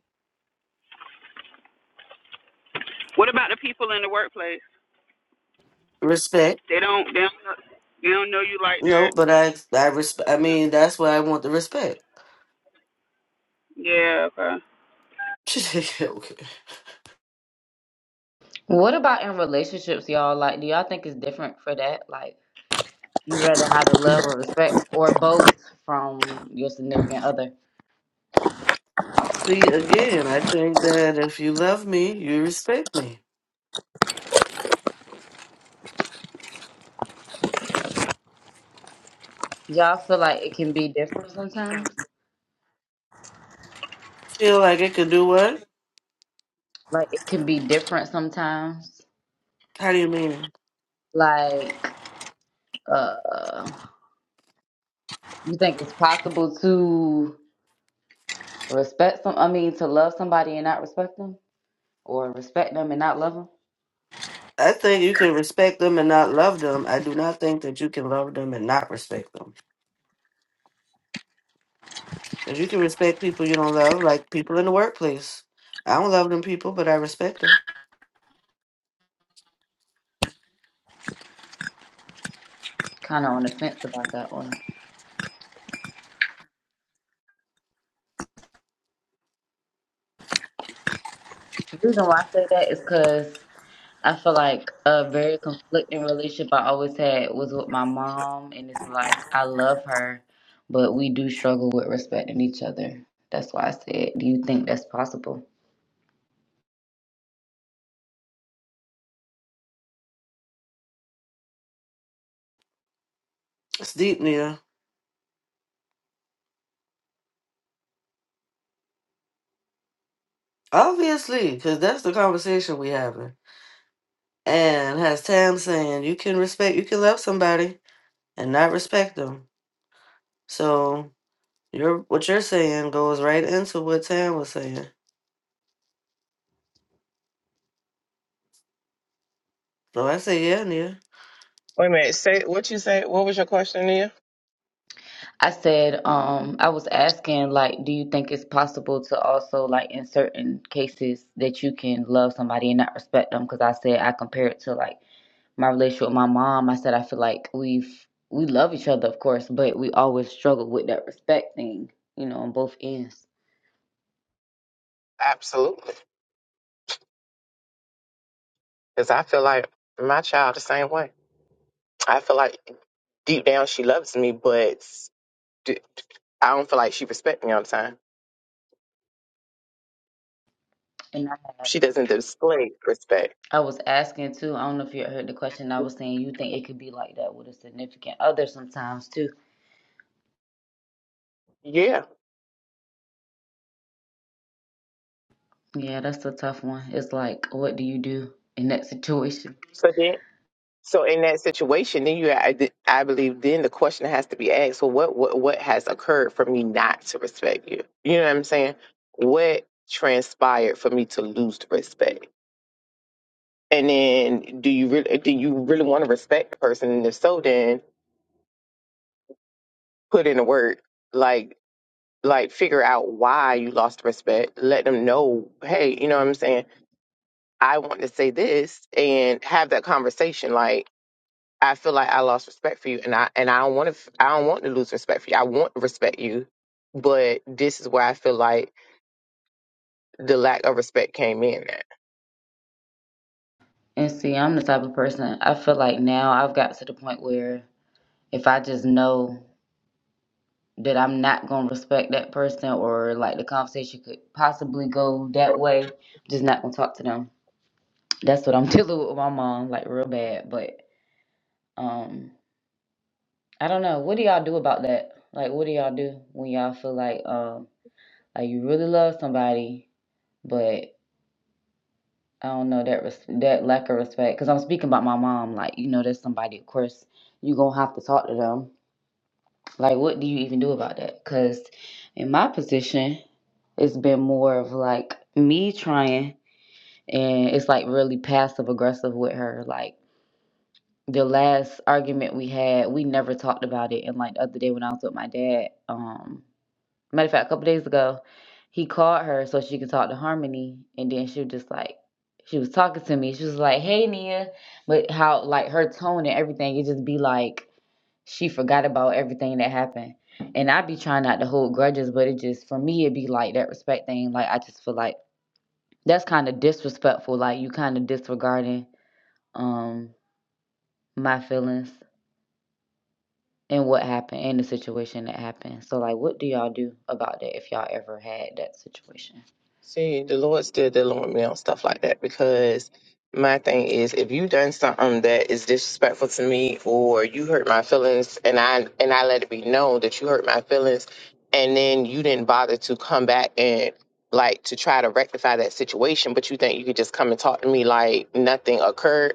Speaker 3: what about the people in the workplace?
Speaker 4: Respect.
Speaker 3: They don't. They don't. Know, they don't know you like that.
Speaker 4: No, but I I resp- I mean that's why I want the respect.
Speaker 3: Yeah. Okay.
Speaker 4: okay.
Speaker 6: What about in relationships, y'all? Like, do y'all think it's different for that? Like, you rather have the love or respect or both from your significant other?
Speaker 4: See, again, I think that if you love me, you respect me.
Speaker 6: Y'all feel like it can be different sometimes?
Speaker 4: Feel like it could do what?
Speaker 6: Like, it can be different sometimes?
Speaker 4: How do you mean?
Speaker 6: Like, uh, you think it's possible to respect some, I mean, to love somebody and not respect them? Or respect them and not love them?
Speaker 4: I think you can respect them and not love them. I do not think that you can love them and not respect them. Because you can respect people you don't love, like people in the workplace. I don't love them people, but I respect them.
Speaker 6: Kind of on the fence about that one. The reason why I say that is because I feel like a very conflicting relationship I always had was with my mom, and it's like I love her, but we do struggle with respecting each other. That's why I said, do you think that's possible?
Speaker 4: It's deep, Nita. Obviously, because that's the conversation we having. And has Tam saying you can respect, you can love somebody and not respect them. So Your what you're saying goes right into what Tam was saying. So I say yeah, Nia.
Speaker 2: wait a minute say what you say what was your question Nia
Speaker 6: I said, um, I was asking, like, do you think it's possible to also, like, in certain cases that you can love somebody and not respect them? Because I said I compare it to like my relationship with my mom. I said I feel like we've we love each other, of course, but we always struggle with that respect thing, you know, on both ends.
Speaker 2: absolutely because I feel like my child the same way I feel like deep down she loves me but d- I don't feel like she respects me all the time
Speaker 6: And I, had-
Speaker 2: she doesn't display respect
Speaker 6: I was asking too, I don't know if you heard the question I was saying, you think it could be like that with a significant other sometimes too.
Speaker 2: yeah
Speaker 6: Yeah, that's a tough one. It's like, what do you do in that situation?
Speaker 2: so then So in that situation, then you, I, th- I believe, then the question has to be asked: Well, what, what, what has occurred for me not to respect you? You know what I'm saying? What transpired for me to lose the respect? And then, do you really, do you really want to respect the person? And if so, then put in the work, like, like figure out why you lost respect. Let them know, hey, you know what I'm saying? I want to say this, and have that conversation, like. I feel like I lost respect for you, and I and I don't want to. I don't want to lose respect for you. I want to respect you, but this is where I feel like the lack of respect came in. At.
Speaker 6: And see, I'm the type of person, I feel like now I've got to the point where if I just know that I'm not going to respect that person or like the conversation could possibly go that way, I'm just not going to talk to them. That's what I'm dealing with with my mom, like real bad. But, um, I don't know. What do y'all do about that? Like, what do y'all do when y'all feel like um like you really love somebody, but I don't know that res- that lack of respect? Because I'm speaking about my mom. Like, you know, that's somebody. Of course, you gonna have to talk to them. Like, what do you even do about that? Because in my position, it's been more of like me trying, and it's like really passive aggressive with her. Like the last argument we had, we never talked about it. And like the other day when I was with my dad, um. Matter of fact, a couple days ago, he called her so she could talk to Harmony, and then she was just like, she was talking to me. She was like, "Hey, Nia," but how like her tone and everything, it just be like she forgot about everything that happened. And I be trying not to hold grudges, but it just for me, it be like that respect thing. Like I just feel like that's kind of disrespectful. Like you kind of disregarding um my feelings and what happened and the situation that happened. So like, what do y'all do about that if y'all ever had that situation?
Speaker 2: See, the Lord still dealing with me on stuff like that because my thing is if you done something that is disrespectful to me or you hurt my feelings and I and I let it be known that you hurt my feelings and then you didn't bother to come back and like to try to rectify that situation, but you think you could just come and talk to me like nothing occurred,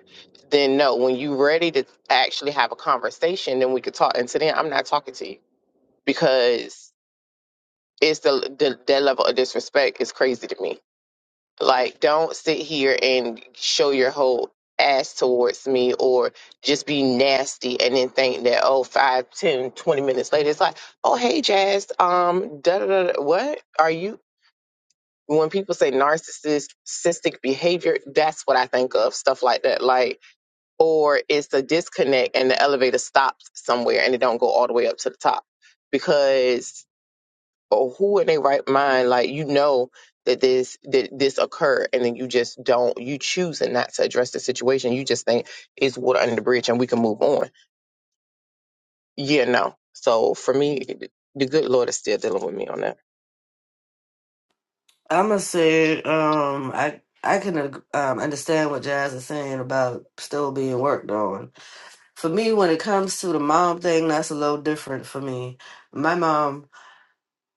Speaker 2: then no, when you ready to actually have a conversation, then we could talk. And today I'm not talking to you because it's the, the that level of disrespect is crazy to me like, don't sit here and show your whole ass towards me or just be nasty and then think that, oh, five, ten, twenty minutes later, it's like, oh, hey, Jazz, um, da da da, da, what are you? When people say narcissistic behavior, that's what I think of, stuff like that. Like, or it's a disconnect and the elevator stops somewhere and it don't go all the way up to the top because or who in their right mind, like you know that this that this occurred, and then you just don't, you choose and not to address the situation. You just think it's water under the bridge, and we can move on. Yeah, no. So for me, the good Lord is still dealing with me on that.
Speaker 4: I'ma say um I I can ag- um, understand what Jazz is saying about still being worked on. For me, when it comes to the mom thing, that's a little different for me. My mom,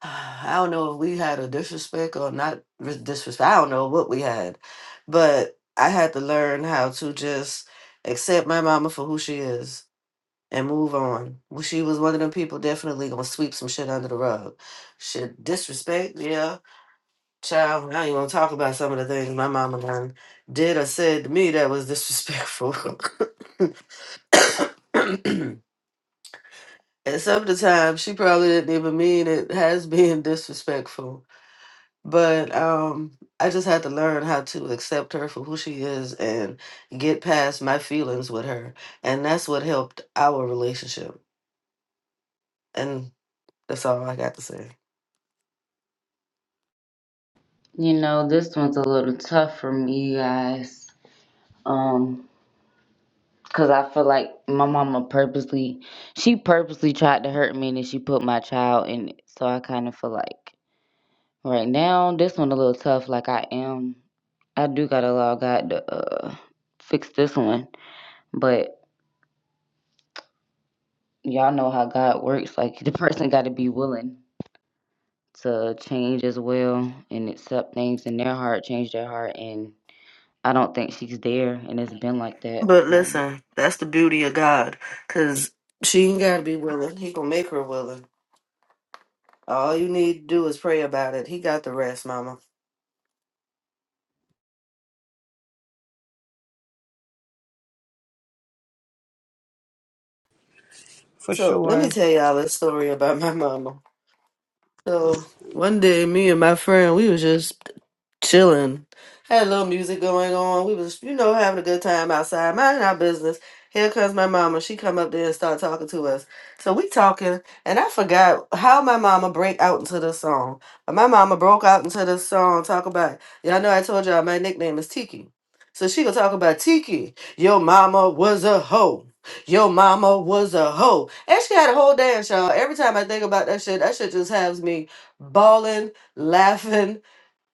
Speaker 4: I don't know if we had a disrespect or not re- disrespect. I don't know what we had, but I had to learn how to just accept my mama for who she is and move on. Well, she was one of them people definitely gonna sweep some shit under the rug. Shit, disrespect, yeah. Child, Now you not want to talk about some of the things my mama done did or said to me that was disrespectful. and some of the time, she probably didn't even mean it has been disrespectful. But um, I just had to learn how to accept her for who she is and get past my feelings with her. And that's what helped our relationship. And That's all I got to say.
Speaker 6: You know, this one's a little tough for me, guys. Um, cause I feel like my mama purposely, she purposely tried to hurt me, and then she put my child in it. So I kind of feel like right now, this one a little tough. Like I am, I do gotta allow God to uh fix this one. But y'all know how God works. Like the person got to be willing to change as well and accept things in their heart, change their heart, and I don't think she's there, and it's been like that.
Speaker 4: But
Speaker 6: Um
Speaker 4: listen, that's the beauty of God, cause She ain't gotta be willing. He gonna make her willing. All you need to do is pray about it. He got the rest, mama.
Speaker 3: For
Speaker 4: So let
Speaker 3: sure.
Speaker 4: me tell y'all this story about my mama. So one day me and my friend, we was just chilling. Had a little music going on. We was, you know, having a good time outside, minding our business. Here comes my mama. She come up there and start talking to us. So we talking, and I forgot how my mama break out into this song. My mama broke out into this song. Talk about y'all know I told y'all my nickname is Tiki. So she gonna talk about Tiki. Your mama was a hoe. Your mama was a hoe. And she had a whole dance, y'all. Every time I think about that shit, that shit just has me balling, laughing,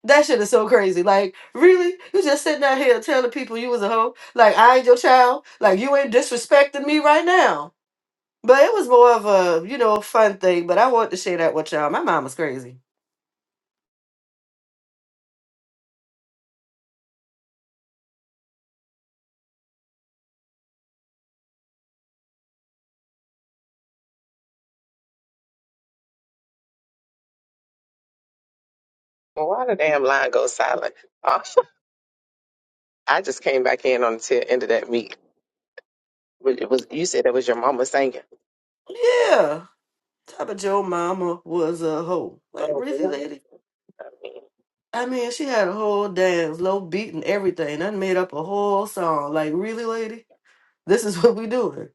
Speaker 4: that shit is so crazy. Like, really? You just sitting out here telling people you was a hoe? Like, I ain't your child? Like, you ain't disrespecting me right now? But it was more of a, you know, fun thing. But I want to share that with y'all. My mama's crazy.
Speaker 2: Well, why the damn line go silent? Oh, I just came back in on the tail end of that meet. But It was you said that was your mama singing.
Speaker 4: Yeah. Top of your mama was a hoe. Like,
Speaker 2: Oh,
Speaker 4: really,
Speaker 2: really?
Speaker 4: lady? I mean, she had a whole dance, low beat and everything. I made up a whole song. Like, really, lady? This is what we doing.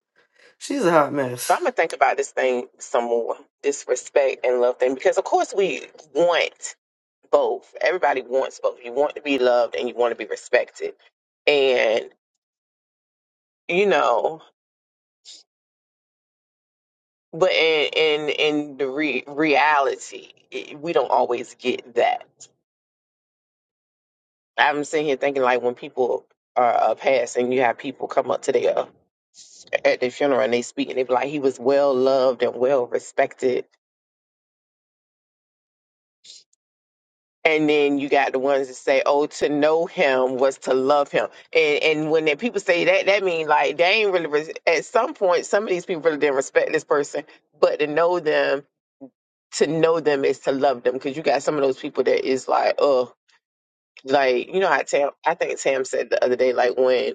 Speaker 4: She's a hot
Speaker 2: But
Speaker 4: mess.
Speaker 2: I'm gonna think about this thing some more, this respect and love thing, because of course we want both. Everybody wants both. You want to be loved and you want to be respected, and you know. But in in in the re- reality, it, we don't always get that. I'm sitting here thinking like when people are uh, passing, you have people come up to their at their funeral and they speak and they be like, he was well loved and well respected And then you got the ones that say, "Oh, to know him was to love him," and and when the people say that, that means like they ain't really res- at some point some of these people really didn't respect this person, but to know them, to know them is to love them because you got some of those people that is like, oh, like you know how Tam, I think Tam said the other day, like when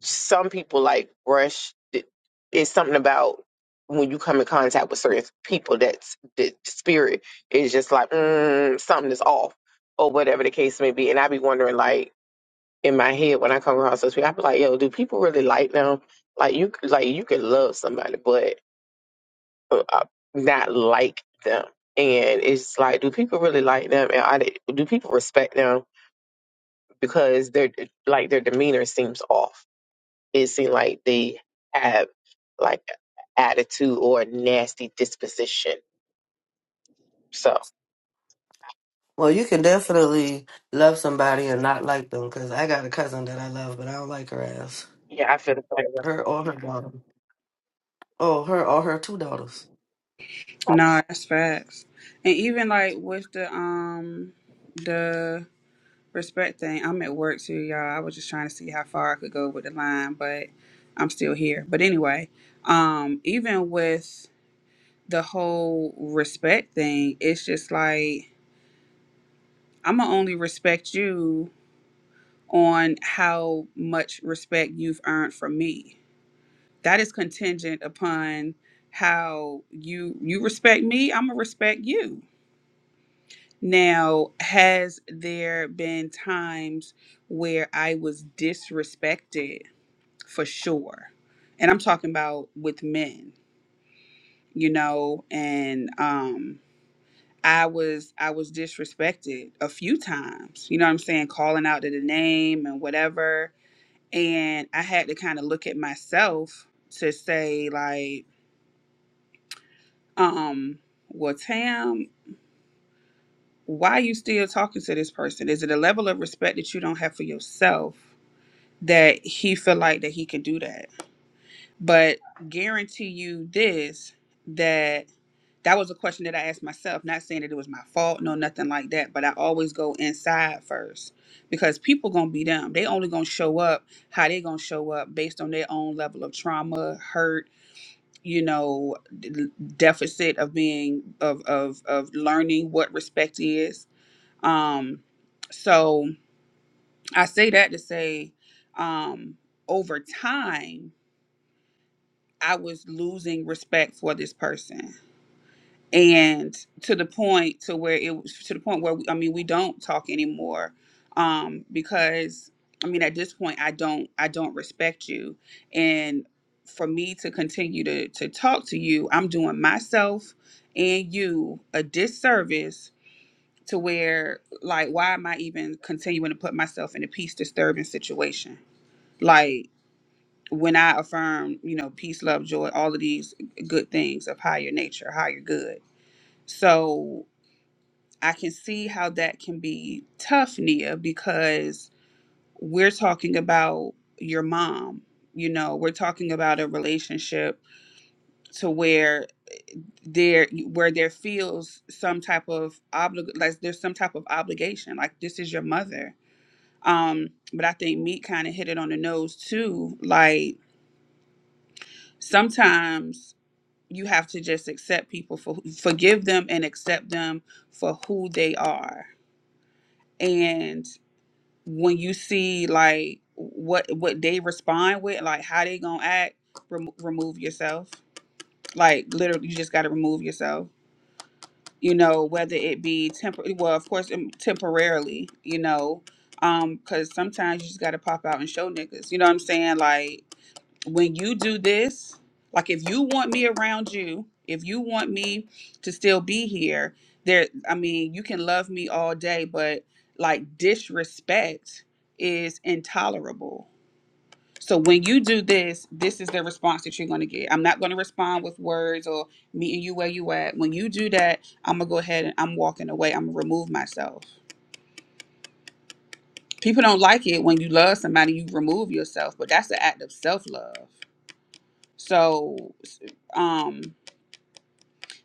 Speaker 2: some people like brush it- it's something about when you come in contact with certain people that's the spirit is just like mm, something is off or whatever the case may be and i be wondering like in my head when i come across those people i be like yo do people really like them like you like you can love somebody but uh, uh, not like them and it's like do people really like them and I, do people respect them because their like their demeanor seems off it seemed like they have like attitude or a nasty disposition. So
Speaker 4: Well, you can definitely love somebody and not like them because I got a cousin that I love, but I don't like her ass.
Speaker 2: yeah, I feel the same.
Speaker 4: Her or her daughter. Oh, her or her two daughters.
Speaker 3: No, that's facts. And even like with the um the respect thing, I'm at work too, y'all. I was just trying to see how far I could go with the line, but I'm still here. But anyway, um, even with the whole respect thing, it's just like I'ma only respect you on how much respect you've earned from me. that is contingent upon how you you respect me i'm gonna respect you now has there been times where i was disrespected for sure and i'm talking about with men you know and um i was i was disrespected a few times you know what i'm saying calling out to the name and whatever and i had to kind of look at myself to say like um, well, Tam, why are you still talking to this person? Is it a level of respect that you don't have for yourself that he feel like that he can do that? But guarantee you this, that that was a question that I asked myself, not saying that it was my fault, no, nothing like that, but I always go inside first because people gonna be them. They only gonna show up how they gonna show up based on their own level of trauma, hurt, you know d- deficit of being of of of learning what respect is um so i say that to say um over time i was losing respect for this person and to the point to where it was to the point where we, I mean we don't talk anymore um because I mean at this point I don't I don't respect you and for me to continue to to talk to you I'm doing myself and you a disservice to where like why am I even continuing to put myself in a peace disturbing situation like when I affirm you know peace love joy all of these good things of higher nature higher good so I can see how that can be tough, Nia, because we're talking about your mom. You know, we're talking about a relationship to where there where there feels some type of oblig like there's some type of obligation. Like this is your mother. Um, but I think Meek kind of hit it on the nose too. Like sometimes you have to just accept people for forgive them and accept them for who they are. And when you see like what what they respond with, like how they gonna act, remo remove yourself. Like literally, you just gotta remove yourself. You know, whether it be temporary, well, of course, um, temporarily. You know, um, because sometimes you just gotta pop out and show niggas. You know what I'm saying? Like when you do this, like if you want me around you, if you want me to still be here, there I mean, you can love me all day, but like disrespect is intolerable. So when you do this, this is the response that you're going to get. I'm not going to respond with words or meeting you where you at. When you do that, I'm going to go ahead and I'm walking away. I'm going to remove myself. People don't like it when you love somebody, you remove yourself, but that's an act of self-love. So um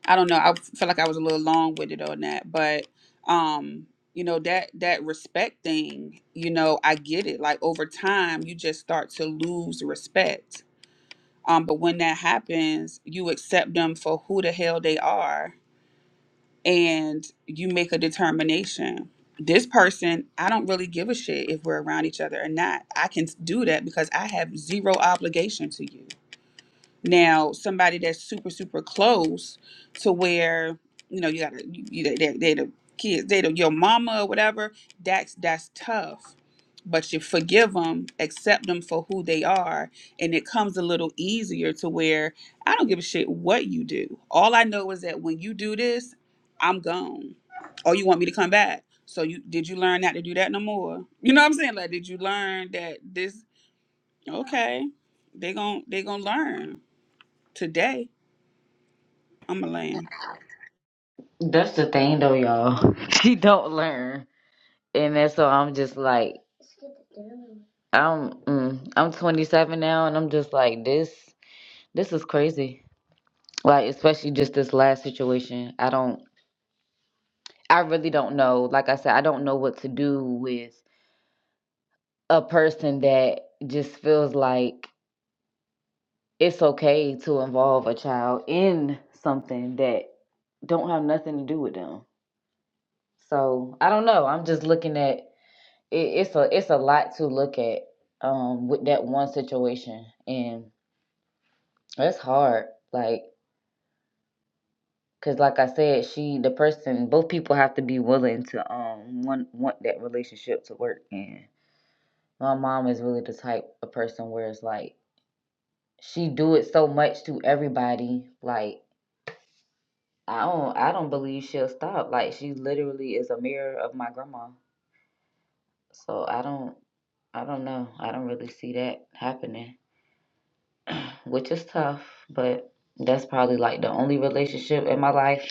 Speaker 3: I don't know. I feel like I was a little long winded on that, but um, you know that that respect thing. You know, I get it. Like over time, you just start to lose respect. Um, but when that happens, you accept them for who the hell they are, and you make a determination. This person, I don't really give a shit if we're around each other or not. I can do that because I have zero obligation to you. Now, somebody that's super, super close to where you know you got to you, they, they, they the kids, they the your mama or whatever. That's that's tough, but you forgive them, accept them for who they are, and it comes a little easier to where I don't give a shit what you do. All I know is that when you do this, I'm gone, or you want me to come back. So you did you learn not to do that no more? You know what I'm saying? Like, did you learn that this? Okay, they gon' they gonna learn today. I'm a land.
Speaker 6: That's the thing though, y'all. She don't learn, and that's so I'm just like, I'm mm, I'm 27 now, and I'm just like this. This is crazy. Like especially just this last situation. I don't. I really don't know. Like I said, I don't know what to do with a person that just feels like it's okay to involve a child in something that don't have nothing to do with them. So I don't know. I'm just looking at it, it's a it's a lot to look at um with that one situation and that's hard like because like i said she the person both people have to be willing to um want want that relationship to work and my mom is really the type of person where it's like she do it so much to everybody like i don't i don't believe she'll stop like she literally is a mirror of my grandma so i don't i don't know i don't really see that happening which is tough, but that's probably like the only relationship in my life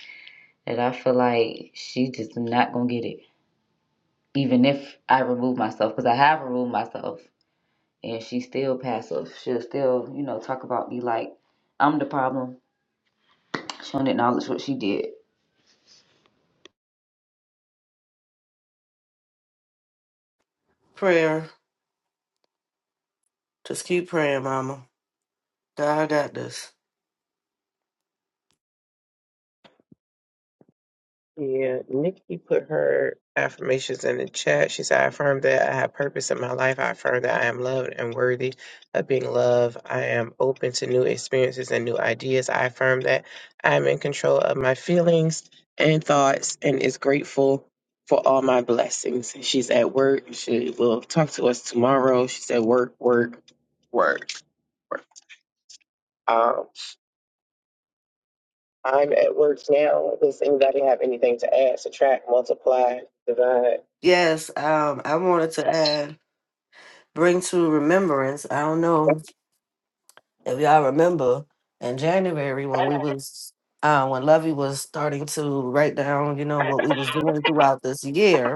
Speaker 6: that I feel like she just not gonna get it. Even if I remove myself, because I have removed myself, and she's still passive. She'll still, you know, talk about me like I'm the problem. She don't acknowledge what she did.
Speaker 4: Prayer. Just keep praying, mama. God got this.
Speaker 2: Yeah, Nikki put her affirmations in the chat. She said, I affirm that I have purpose in my life. I affirm that I am loved and worthy of being loved. I am open to new experiences and new ideas. I affirm that I am in control of my feelings and thoughts and is grateful for all my blessings. She's at work. She will talk to us tomorrow. She said, work, work, work, work. Um, I'm at work now. Does anybody have anything to add, subtract, multiply, divide?
Speaker 4: Yes, um, I wanted to add, bring to remembrance. I don't know if y'all remember in January when we was uh, when Lovey was starting to write down, you know, what we was doing throughout this year.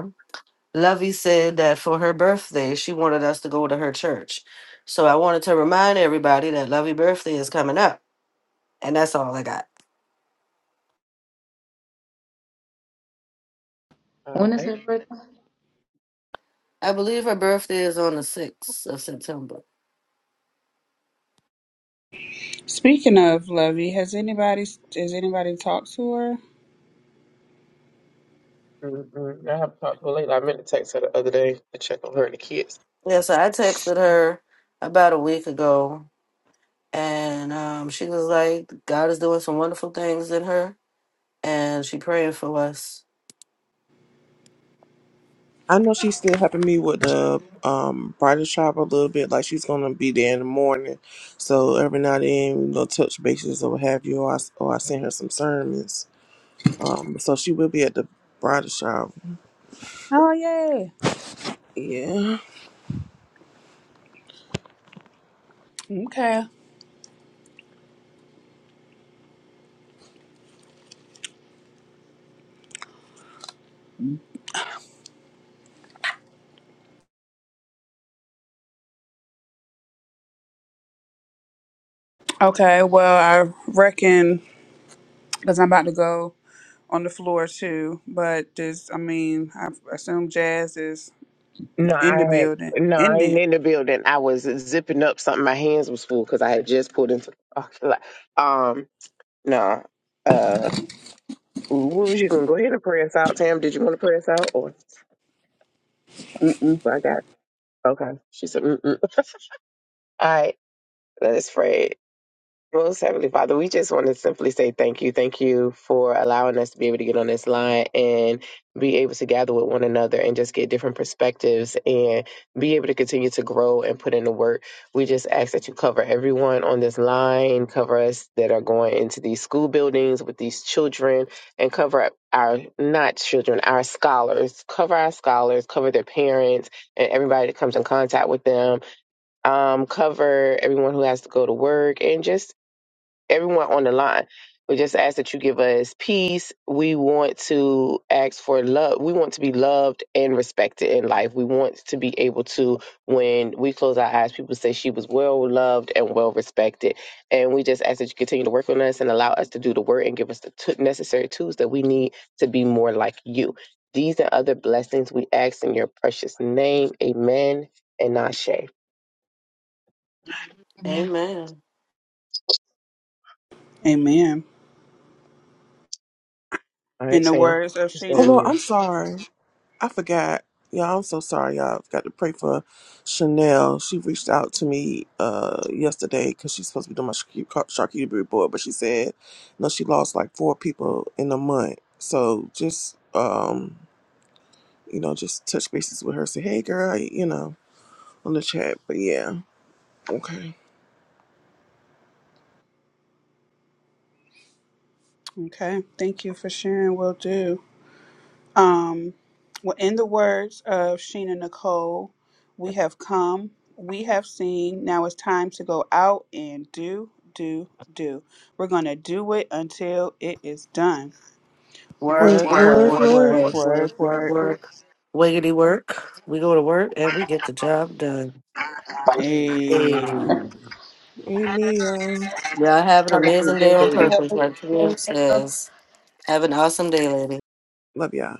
Speaker 4: Lovey said that for her birthday, she wanted us to go to her church. So I wanted to remind everybody that Lovey's birthday is coming up. And that's all I got.
Speaker 2: All
Speaker 6: When is
Speaker 2: right.
Speaker 6: her birthday,
Speaker 4: I believe her birthday is on the 6th of September.
Speaker 3: Speaking of Lovey, has anybody has anybody talked to her?
Speaker 2: Mm-mm. I haven't talked to her lately. I meant to text her the other day to check on her and the kids.
Speaker 4: Yeah, so I texted her about a week ago. And um, she was like, God is doing some wonderful things in her. And she praying for us.
Speaker 1: I know she's still helping me with the um bridal shop a little bit. Like she's gonna be there in the morning, so every now and then you know touch bases or what have you. Or I, or I send her some sermons. Um, so she will be at the bridal shop.
Speaker 3: Oh, yeah.
Speaker 1: Yeah.
Speaker 3: Okay. Okay. Well, I reckon because I'm about to go on the floor too. But this, I mean, I assume Jazz is
Speaker 2: No,
Speaker 3: in the
Speaker 2: I
Speaker 3: building.
Speaker 2: had no, I
Speaker 3: In
Speaker 2: ain't
Speaker 3: there.
Speaker 2: in the building. I was zipping up something. My hands was full because I had just pulled into. Um, no. Uh, what was you gonna go ahead and pray us out, Tam? Did you want to pray us out, or
Speaker 3: Mm-mm.
Speaker 2: so I got? Okay. She said, Mm-mm. "All right, let's pray." Most Heavenly Father, we just want to simply say thank you. Thank you for allowing us to be able to get on this line and be able to gather with one another and just get different perspectives and be able to continue to grow and put in the work. We just ask that you cover everyone on this line, cover us that are going into these school buildings with these children, and cover our not children, our scholars. Cover our scholars, cover their parents, and everybody that comes in contact with them um, cover everyone who has to go to work and just everyone on the line. We just ask that you give us peace. We want to ask for love. We want to be loved and respected in life. We want to be able to, when we close our eyes, people say she was well loved and well respected. And we just ask that you continue to work on us and allow us to do the work and give us the t- necessary tools that we need to be more like you. These and other blessings we ask in your precious name. Amen and Ashe.
Speaker 6: man?
Speaker 4: Amen.
Speaker 3: Amen.
Speaker 2: All right,
Speaker 3: In the
Speaker 2: Sam.
Speaker 3: words of
Speaker 2: It's
Speaker 1: Oh
Speaker 2: on
Speaker 3: Sheena.
Speaker 1: Lord,
Speaker 2: you.
Speaker 1: I'm sorry. I forgot. Y'all, I'm so sorry, y'all. Got to pray for Chanel. She reached out to me uh yesterday because she's supposed to be doing my charcu- car- charcuterie board, but she said no, she lost like four people in a month. So just um, you know, just touch bases with her. Say, hey, girl, you know, on the chat. But yeah, okay.
Speaker 3: Okay. Thank you for sharing. Will do. Um, well, in the words of Sheena Nicole, we have come, we have seen. Now it's time to go out and do, do, do. We're going to do it until it is done.
Speaker 4: Work,
Speaker 1: Work,
Speaker 3: Work,
Speaker 4: work,
Speaker 1: work,
Speaker 3: work,
Speaker 4: Work. work,
Speaker 1: work.
Speaker 3: work,
Speaker 4: work, work,
Speaker 3: work,
Speaker 4: work,
Speaker 3: work.
Speaker 4: Wiggity work. We go to work and we get the job done.
Speaker 2: Amen.
Speaker 3: Ayy.
Speaker 4: Amen.
Speaker 1: Amen, y'all.
Speaker 4: Y'all have an
Speaker 2: Have a good
Speaker 4: amazing day on
Speaker 2: day.
Speaker 4: purpose, like Camille says. Have an awesome day, lady.
Speaker 1: Love y'all.